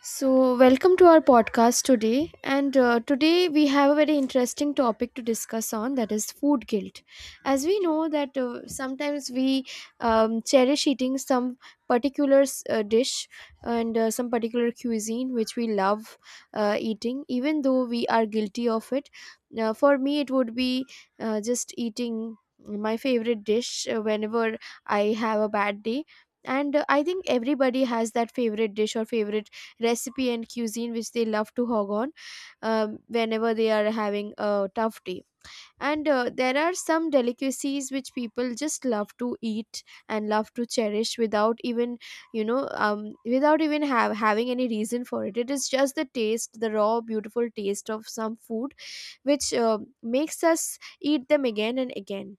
So, welcome to our podcast today. And today we have a very interesting topic to discuss on that is food guilt. As we know that sometimes we cherish eating some particular dish and some particular cuisine which we love eating, even though we are guilty of it. Now, for me, it would be just eating my favorite dish whenever I have a bad day. And I think everybody has that favorite dish or favorite recipe and cuisine which they love to hog on whenever they are having a tough day. And there are some delicacies which people just love to eat and love to cherish without even, without even having any reason for it. It is just the taste, the raw, beautiful taste of some food which makes us eat them again and again.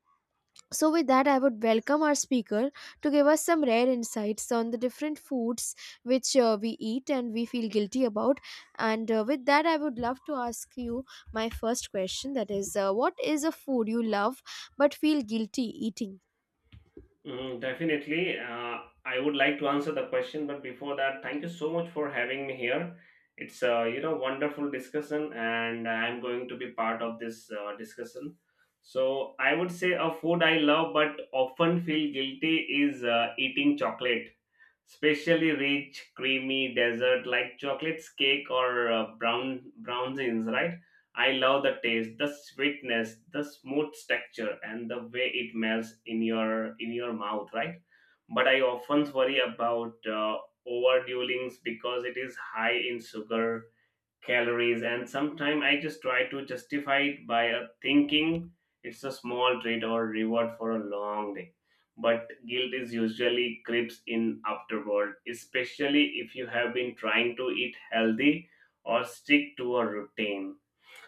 So, with that, I would welcome our speaker to give us some rare insights on the different foods which we eat and we feel guilty about. And with that, I would love to ask you my first question, that is, what is a food you love but feel guilty eating? Mm, definitely. I would like to answer the question, but before that, thank you so much for having me here. It's a wonderful discussion, and I'm going to be part of this discussion. So I would say a food I love but often feel guilty is eating chocolate, especially rich, creamy dessert like chocolates cake or brownies, right? I love the taste, the sweetness, the smooth texture, and the way it melts in your mouth, right? But I often worry about overdueling because it is high in sugar calories, and sometimes I just try to justify it by thinking it's a small treat or reward for a long day. But guilt is usually creeps in afterward, especially if you have been trying to eat healthy or stick to a routine.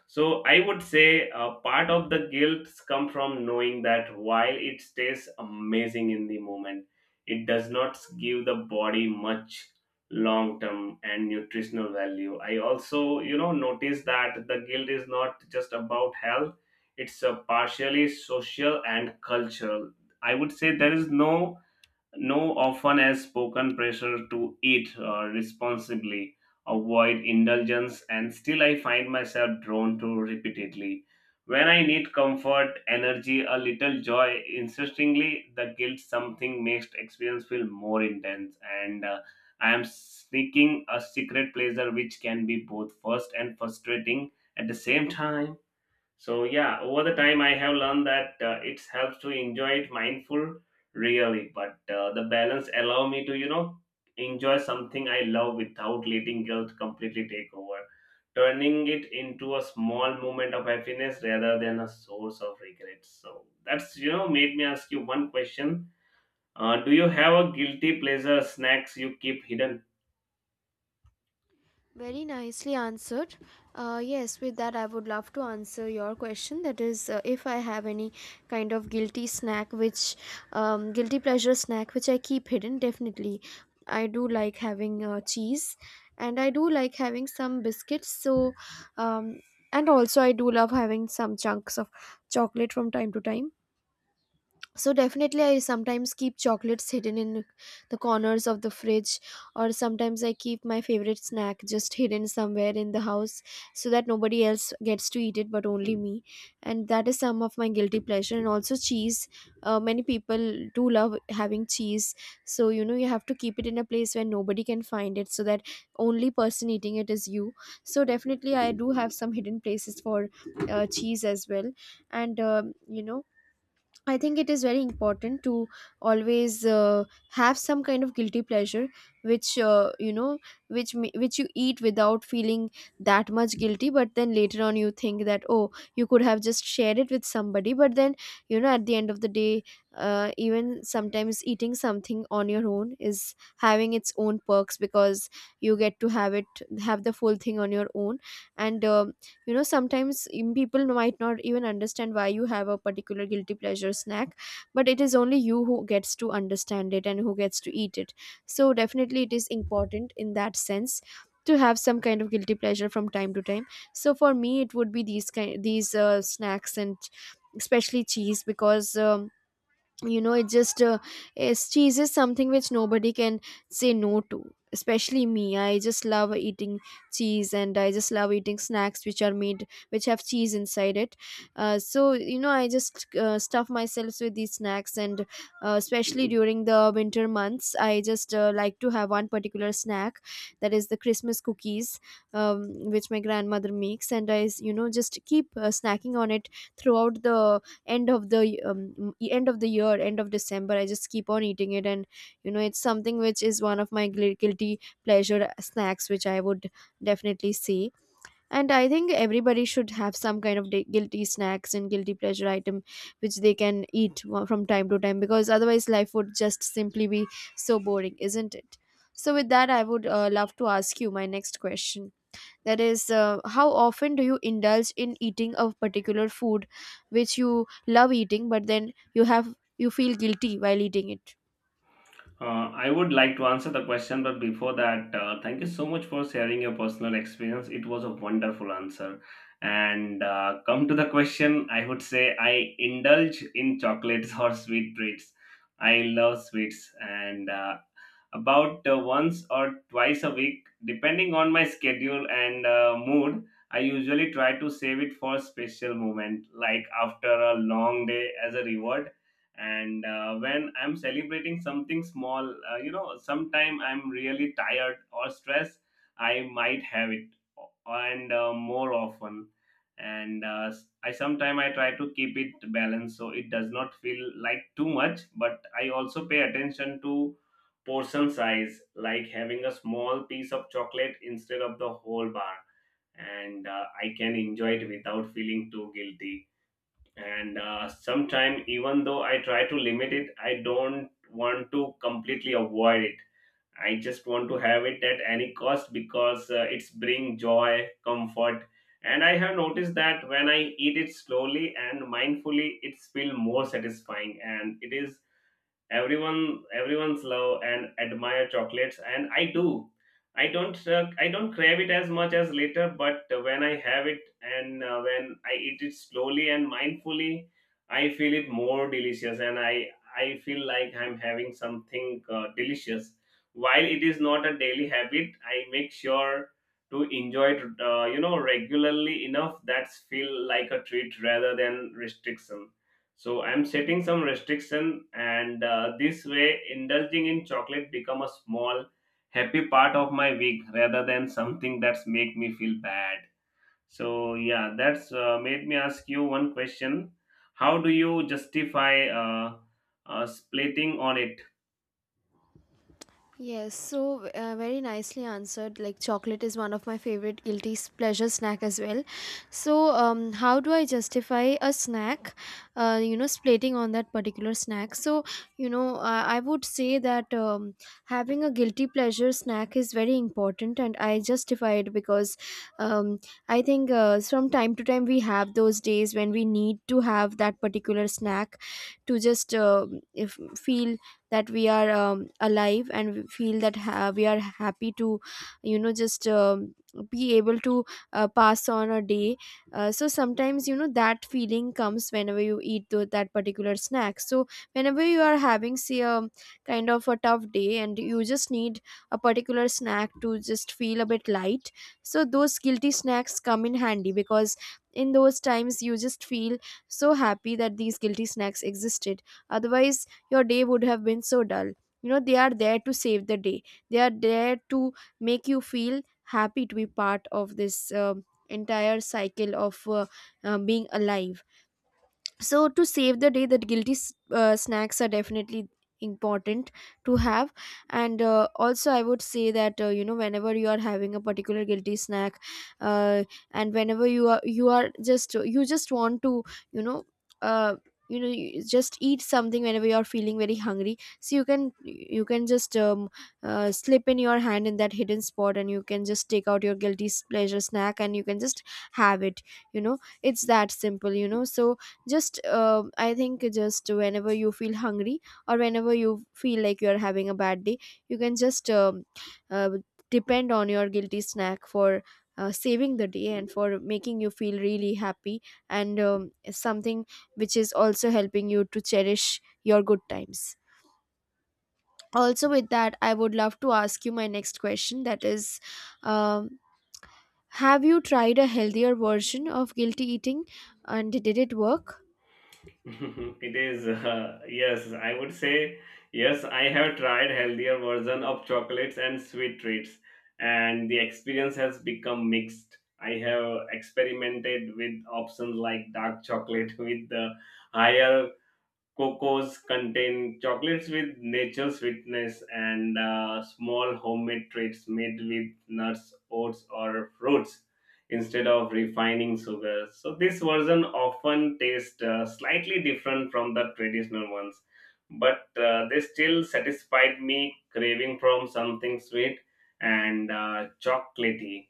So I would say part of the guilt come from knowing that while it stays amazing in the moment, it does not give the body much long term and nutritional value. I also, notice that the guilt is not just about health; it's partially social and cultural. I would say there is no often as spoken pressure to eat responsibly, avoid indulgence, and still I find myself drawn to repeatedly. When I need comfort, energy, a little joy, insistingly, the guilt something makes experience feel more intense, and I am seeking a secret pleasure which can be both first and frustrating at the same time. So yeah, over the time I have learned that it helps to enjoy it mindful, really. But the balance allow me to enjoy something I love without letting guilt completely take over, turning it into a small moment of happiness rather than a source of regret. So that's made me ask you one question. Do you have a guilty pleasure snacks you keep hidden? Very nicely answered. Yes, with that, I would love to answer your question. That is, if I have any kind of guilty snack, which guilty pleasure snack, which I keep hidden, definitely. I do like having cheese, and I do like having some biscuits. So, um, and also, I do love having some chunks of chocolate from time to time. So definitely I sometimes keep chocolates hidden in the corners of the fridge, or sometimes I keep my favorite snack just hidden somewhere in the house so that nobody else gets to eat it but only me, and that is some of my guilty pleasure. And also cheese, many people do love having cheese, so you know you have to keep it in a place where nobody can find it, so that only person eating it is you. So definitely I do have some hidden places for cheese as well. And you know, I think it is very important to always have some kind of guilty pleasure, which you know, which ma- which you eat without feeling that much guilty. But then later on, you think that, oh, you could have just shared it with somebody. But then, you know, at the end of the day, even sometimes eating something on your own is having its own perks because you get to have the full thing on your own, and you know, sometimes people might not even understand why you have a particular guilty pleasure snack, but it is only you who gets to understand it and who gets to eat it. So definitely it is important in that sense to have some kind of guilty pleasure from time to time. So for me it would be these snacks, and especially cheese because you know, it just is cheese is something which nobody can say no to, especially me. I just love eating cheese, and I just love eating snacks which are made which have cheese inside it. So you know I just stuff myself with these snacks, and especially during the winter months I just like to have one particular snack, that is the Christmas cookies, um, which my grandmother makes, and you know, just keep snacking on it throughout the end of the year, end of December. I just keep on eating it. And you know, it's something which is one of my guilty pleasure snacks which I would definitely see. And I think everybody should have some kind of guilty snacks and guilty pleasure item which they can eat from time to time, because otherwise life would just simply be so boring, isn't it? So with that I would love to ask you my next question, that is, how often do you indulge in eating a particular food which you love eating, but then you feel guilty while eating it? I would like to answer the question, but before that, thank you so much for sharing your personal experience. It was a wonderful answer. And come to the question, I would say I indulge in chocolates or sweet treats. I love sweets, and about once or twice a week, depending on my schedule and mood, I usually try to save it for a special moment, like after a long day as a reward, and when I'm celebrating something small. You know, sometime I'm really tired or stressed, I might have it, and more often and I sometime I try to keep it balanced so it does not feel like too much. But I also pay attention to portion size, like having a small piece of chocolate instead of the whole bar, and I can enjoy it without feeling too guilty. And sometime, even though I try to limit it, I don't want to completely avoid it. I just want to have it at any cost because it's bring joy comfort, and I have noticed that when I eat it slowly and mindfully, it's feel more satisfying. And it is everyone's love and admire chocolates, and I do. I don't crave it as much as later, but when I have it and when I eat it slowly and mindfully, I feel it more delicious, and I feel like I'm having something delicious. While it is not a daily habit, I make sure to enjoy it regularly enough that's feel like a treat rather than restriction. So I'm setting some restriction, and this way, indulging in chocolate become a small, happy part of my week rather than something that's make me feel bad. So yeah, that's made me ask you one question: how do you justify splitting on it? Yes, so very nicely answered. Like chocolate is one of my favorite pleasure snack as well. So, how do I justify a snack? You know, splating on that particular snack. So, you know, I would say that having a guilty pleasure snack is very important, and I justify it because um, I think from time to time we have those days when we need to have that particular snack to just if feel that we are alive, and we feel that we are happy to you know just be able to pass on a day. So sometimes you know that feeling comes whenever you eat that particular snack. So whenever you are having, say, a kind of a tough day and you just need a particular snack to just feel a bit light, so those guilty snacks come in handy because in those times you just feel so happy that these guilty snacks existed. Otherwise your day would have been so dull. You know, they are there to save the day, they are there to make you feel happy to be part of this entire cycle of being alive. So to save the day, that snacks are definitely important to have. And also I would say that you know, whenever you are having a particular guilty snack, uh, and whenever you just want to, you know uh, you just eat something whenever you are feeling very hungry, so you can just slip in your hand in that hidden spot, and you can just take out your pleasure snack, and you can just have it, you know, it's that simple, you know. So just I think, just whenever you feel hungry or whenever you feel like you're having a bad day, you can just uh, depend on your guilty snack for saving the day and for making you feel really happy, and something which is also helping you to cherish your good times. Also, with that, I would love to ask you my next question, that is, um, have you tried a healthier version of guilty eating, and did it work? It is, yes, I would say, yes, I have tried healthier version of chocolates and sweet treats, and the experience has become mixed. I have experimented with options like dark chocolate with the higher Cocos contain chocolates with natural sweetness and small homemade treats made with nuts, oats, or fruits instead of refining sugar. So, this version often tastes slightly different from the traditional ones, but they still satisfied me craving from something sweet and chocolatey.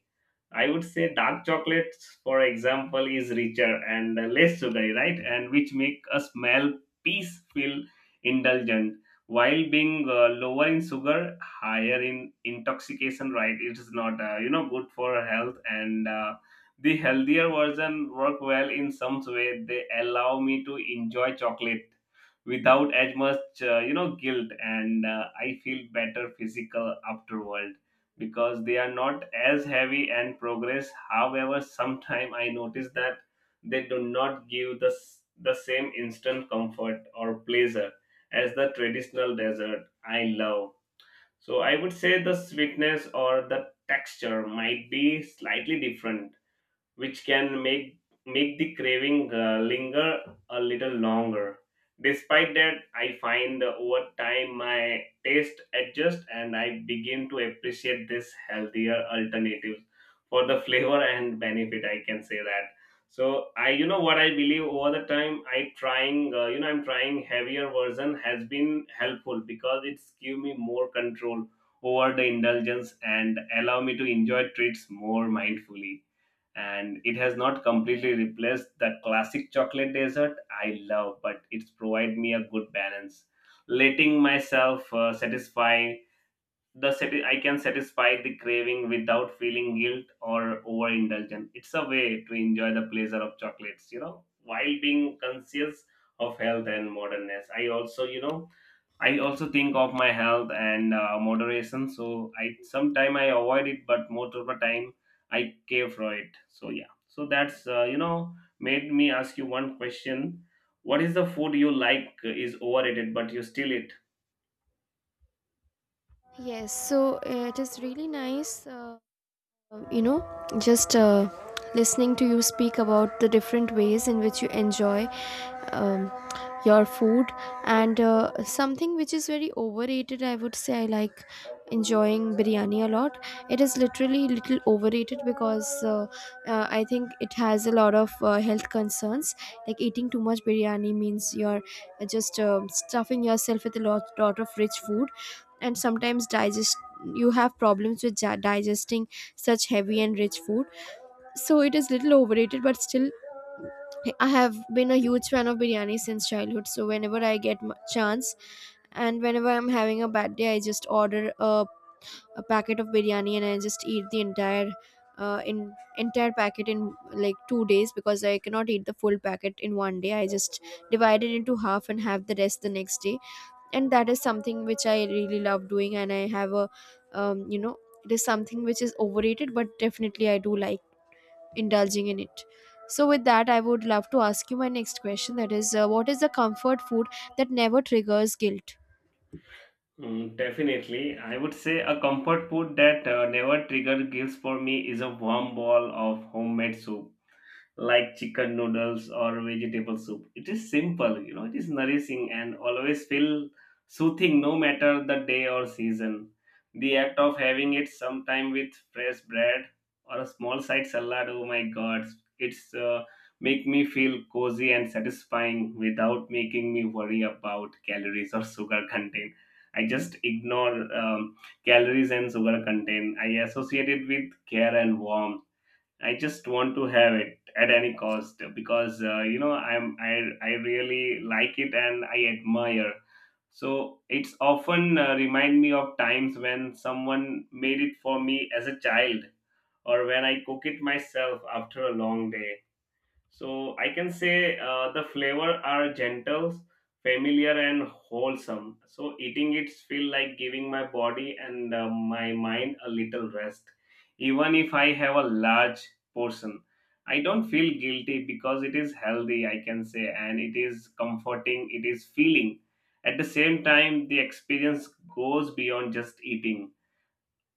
I would say dark chocolates, for example, is richer and less sugary, right? And which make a smell piece feel indulgent, while being lower in sugar, higher in intoxication, right? It is not, good for health. And the healthier version work well in some way. They allow me to enjoy chocolate without as much, guilt, and I feel better physical afterward because they are not as heavy and progress. However, sometimes I notice that they do not give the, the same instant comfort or pleasure as the traditional dessert I love. So I would say the sweetness or the texture might be slightly different, which can make the craving linger a little longer. Despite that, I find over time my taste adjusts, and I begin to appreciate this healthier alternatives for the flavor and benefit. I can say that. So what I believe over the time, I'm trying heavier version has been helpful because it's give me more control over the indulgence and allow me to enjoy treats more mindfully. And it has not completely replaced the classic chocolate dessert I love, but it's provided me a good balance, letting myself satisfy the I can satisfy the craving without feeling guilt or overindulgent. It's a way to enjoy the pleasure of chocolates, while being conscious of health and modernness. I also, I also think of my health and moderation. So I avoid it, but most of the time I care for it. So yeah. So that's made me ask you one question. What is the food you like is overrated, but you still eat? Yes, so it is really nice, you know, just listening to you speak about the different ways in which you enjoy um, your food. And something which is very overrated, I would say, I like enjoying biryani a lot. It is literally little overrated because I think it has a lot of health concerns. Like eating too much biryani means you're just stuffing yourself with a lot, lot of rich food, and sometimes digest you have problems with digesting such heavy and rich food. So it is little overrated, but still I have been a huge fan of biryani since childhood. So whenever I get chance and whenever I'm having a bad day, I just order a packet of biryani, and I just eat the uh, in entire packet in like 2 days, because I cannot eat the full packet in one day. I just divide it into half and have the rest the next day, and that is something which I really love doing. And I have a you know, it is something which is overrated, but definitely I do like indulging in it. So with that I would love to ask you my next question, that is, what is the comfort food that never triggers guilt? Mm, definitely, I would say a comfort food that never trigger guilt for me is a warm bowl of homemade soup like chicken noodles or vegetable soup. It is simple, it is nourishing and always feel soothing no matter the day or season. The act of having it sometime with fresh bread or a small side salad, oh my god, it's make me feel cozy and satisfying without making me worry about calories or sugar content. I just ignore calories and sugar content. I associate it with care and warmth. I just want to have it at any cost because I'm I really like it and I admire. So it's often remind me of times when someone made it for me as a child or when I cook it myself after a long day. So I can say the flavor are gentle, familiar, and wholesome. So eating it feel like giving my body and my mind a little rest. Even if I have a large portion, I don't feel guilty because it is healthy. I can say, and it is comforting. It is feeling. At the same time, the experience goes beyond just eating,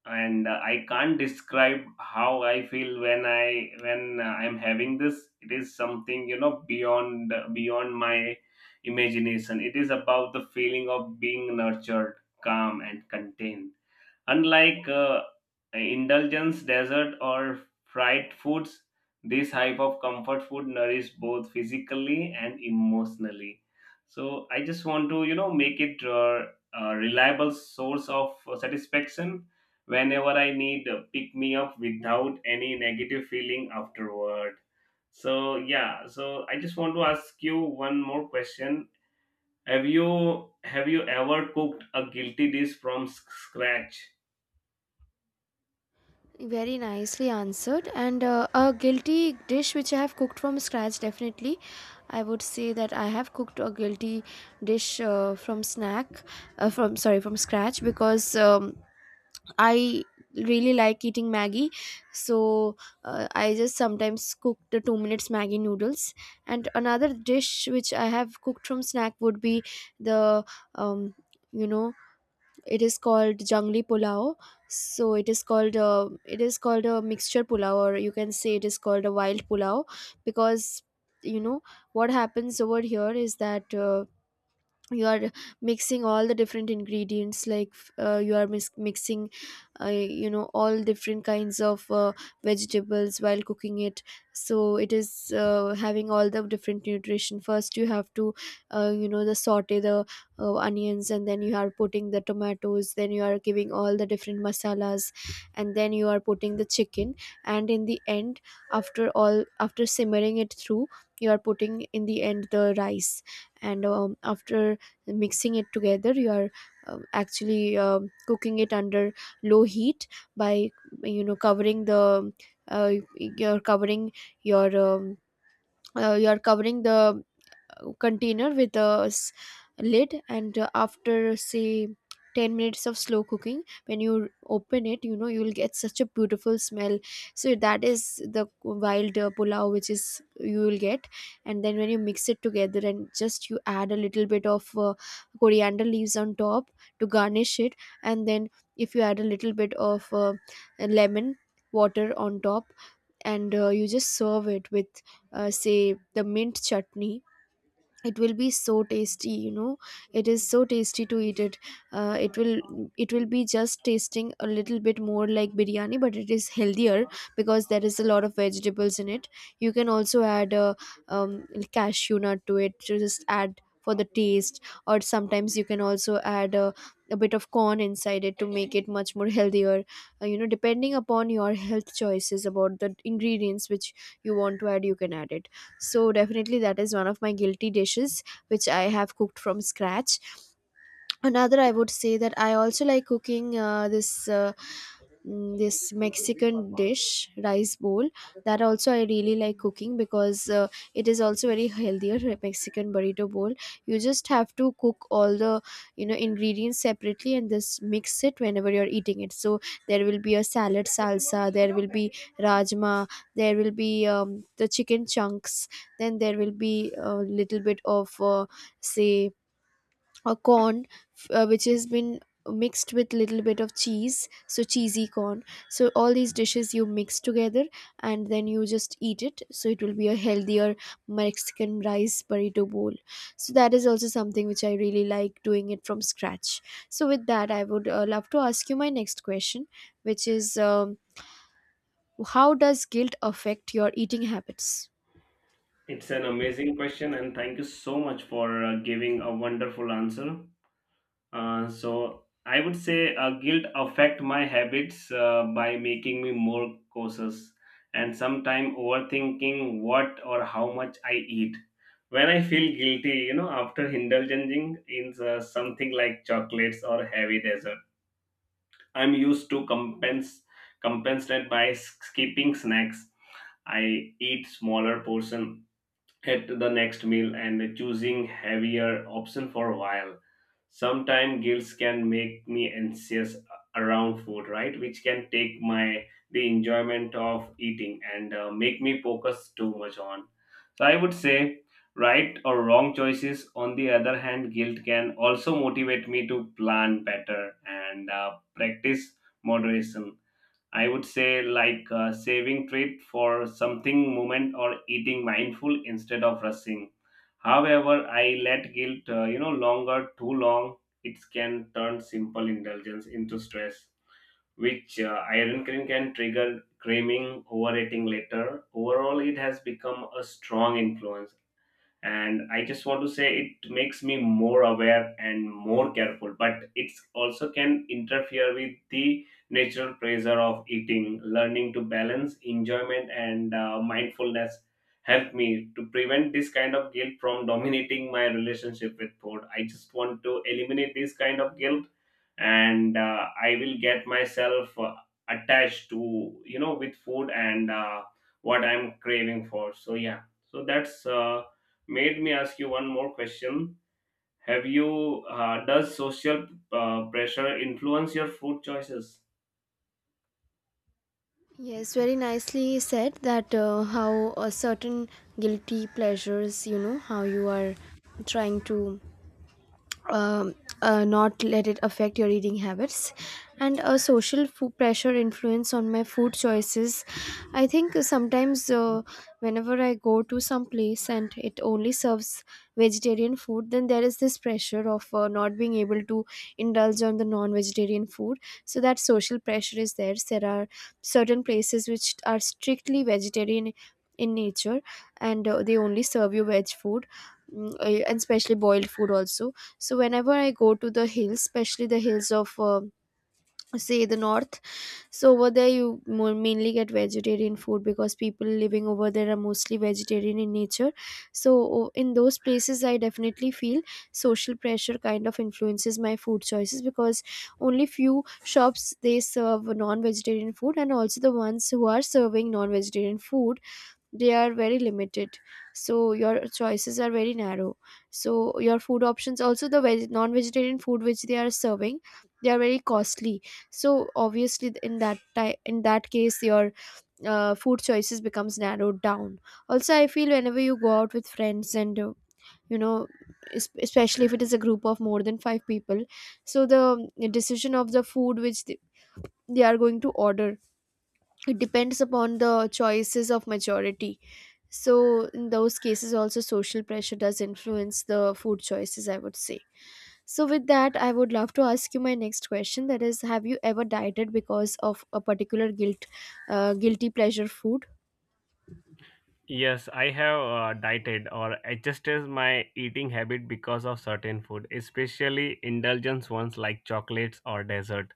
and I can't describe how I feel when I'm having this. It is something beyond my imagination. It is about the feeling of being nurtured, calm, and contained. Unlike indulgence, dessert, or fried foods, this type of comfort food nourishes both physically and emotionally. So I just want to, make it a reliable source of satisfaction whenever I need a pick me up without any negative feeling afterward. So yeah, so I just want to ask you one more question. Have you ever cooked a guilty dish from scratch? Very nicely answered. And a guilty dish which I have cooked from scratch, definitely, I would say that I have cooked a guilty dish from snack from sorry from scratch, because I really like eating Maggie, so I just sometimes cook the 2 minutes Maggie noodles. And another dish which I have cooked from snack would be the um, you know, it is called jangli pulao. So it is called a mixture pulao, or you can say it is called a wild pulao, because you know what happens over here is that. You are mixing all the different ingredients like you are mixing all different kinds of vegetables while cooking it, so it is having all the different nutrition. First you have to the saute the onions, and then you are putting the tomatoes, then you are giving all the different masalas, and then you are putting the chicken, and in the end, after simmering it through, you are putting in the end the rice. And after mixing it together, you are actually cooking it under low heat by covering the you're covering your you're covering the container with a lid. And after say 10 minutes of slow cooking, when you open it, you know, you'll get such a beautiful smell. So that is the wild pulao which is you will get. And then when you mix it together and just you add a little bit of coriander leaves on top to garnish it, and then if you add a little bit of lemon water on top, and you just serve it with say the mint chutney, it will be so tasty, you know, it is so tasty to eat it. It will, it will be just tasting a little bit more like biryani, but it is healthier because there is a lot of vegetables in it. You can also add a um, cashew nut to it to just add for the taste, or sometimes you can also add a bit of corn inside it to make it much more healthier. Depending upon your health choices about the ingredients which you want to add, you can add it. So definitely that is one of my guilty dishes which I have cooked from scratch. Another, I would say that I also like cooking this this Mexican dish rice bowl. That also I really like cooking because it is also very healthier, a Mexican burrito bowl. You just have to cook all the ingredients separately and just mix it whenever you're eating it, so there will be a salad salsa, there will be rajma, there will be the chicken chunks, then there will be a little bit of say a corn which has been mixed with little bit of cheese, so cheesy corn. So all these dishes you mix together and then you just eat it, so it will be a healthier Mexican rice burrito bowl. So that is also something which I really like doing it from scratch. So with that, I would love to ask you my next question, which is how does guilt affect your eating habits? It's an amazing question, and thank you so much for giving a wonderful answer. So, I would say guilt affect my habits by making me more cautious and sometimes overthinking what or how much I eat. When I feel guilty, after indulging in something like chocolates or heavy dessert, I'm used to compense compensate by skipping snacks. I eat smaller portion at the next meal and choosing heavier option for a while. Sometimes guilt can make me anxious around food, right, which can take my the enjoyment of eating and make me focus too much on, so I would say, right or wrong choices. On the other hand, guilt can also motivate me to plan better and practice moderation. I would say like saving treat for something moment or eating mindful instead of rushing. However, I let guilt, longer too long, it can turn simple indulgence into stress, which iron can trigger craving, overeating later. Overall, it has become a strong influence, and I just want to say it makes me more aware and more careful, but it also can interfere with the natural pleasure of eating. Learning to balance enjoyment and mindfulness helped me to prevent this kind of guilt from dominating my relationship with food. I just want to eliminate this kind of guilt, and I will get myself attached to with food and what I'm craving for. So yeah, so that's made me ask you one more question. Have you Does social pressure influence your food choices? Yes, very nicely said that how a certain guilty pleasures, you know, how you are trying to um, not let it affect your eating habits. And a social food pressure influence on my food choices, I think sometimes, whenever I go to some place and it only serves vegetarian food, then there is this pressure of not being able to indulge on the non-vegetarian food. So that social pressure is there. There are certain places which are strictly vegetarian in nature, and they only serve you veg food, and especially boiled food also. So whenever I go to the hills, especially the hills of say the north, so over there you mainly get vegetarian food because people living over there are mostly vegetarian in nature. So in those places, I definitely feel social pressure kind of influences my food choices because only few shops they serve non-vegetarian food, and also the ones who are serving non-vegetarian food, they are very limited, so your choices are very narrow. So your food options, also the non-vegetarian food which they are serving, they are very costly. So obviously in that in that case your food choices becomes narrowed down. Also I feel whenever you go out with friends and you know especially if it is a group of more than 5 people, so the decision of the food which they are going to order, it depends upon the choices of majority. So in those cases, also social pressure does influence the food choices, I would say. So with that, I would love to ask you my next question. That is, have you ever dieted because of a particular guilt, guilty pleasure food? Yes, I have dieted or adjusted my eating habit because of certain food, especially indulgence ones like chocolates or dessert.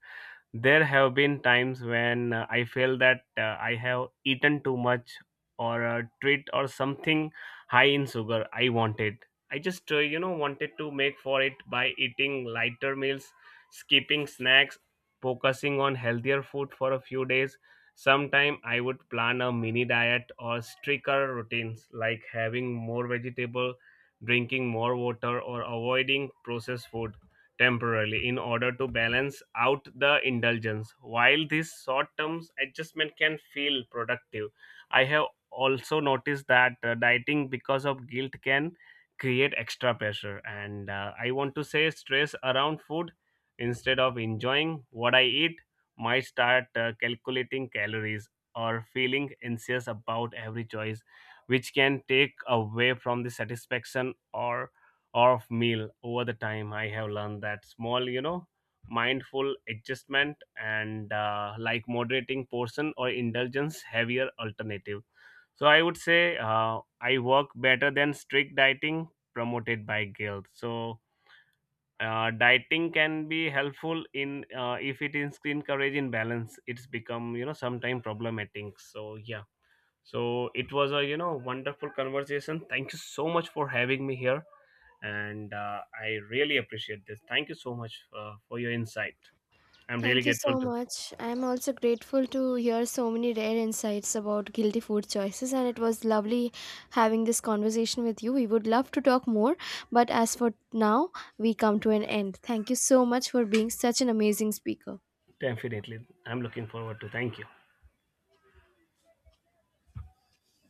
There have been times when I feel that I have eaten too much or a treat or something high in sugar I wanted. I just, wanted to make for it by eating lighter meals, skipping snacks, focusing on healthier food for a few days. Sometime I would plan a mini diet or stricter routines like having more vegetable, drinking more water, or avoiding processed food temporarily in order to balance out the indulgence. While this short term adjustment can feel productive, I have also noticed that dieting because of guilt can create extra pressure. And I want to say stress around food instead of enjoying what I eat might start calculating calories or feeling anxious about every choice which can take away from the satisfaction or of meal. Over the time I have learned that small, mindful adjustment and like moderating portion or indulgence heavier alternative, so I would say I work better than strict dieting promoted by guilt. So dieting can be helpful in if it is encouraging balance, it's become sometimes problematic. So yeah, so it was a wonderful conversation. Thank you so much for having me here, and I really appreciate this. Thank you so much for your insight. I'm really Thank you grateful so to. much. I'm also grateful to hear so many rare insights about guilty food choices, and it was lovely having this conversation with you. We would love to talk more, but as for now, we come to an end. Thank you so much for being such an amazing speaker. Definitely, I'm looking forward to. Thank you.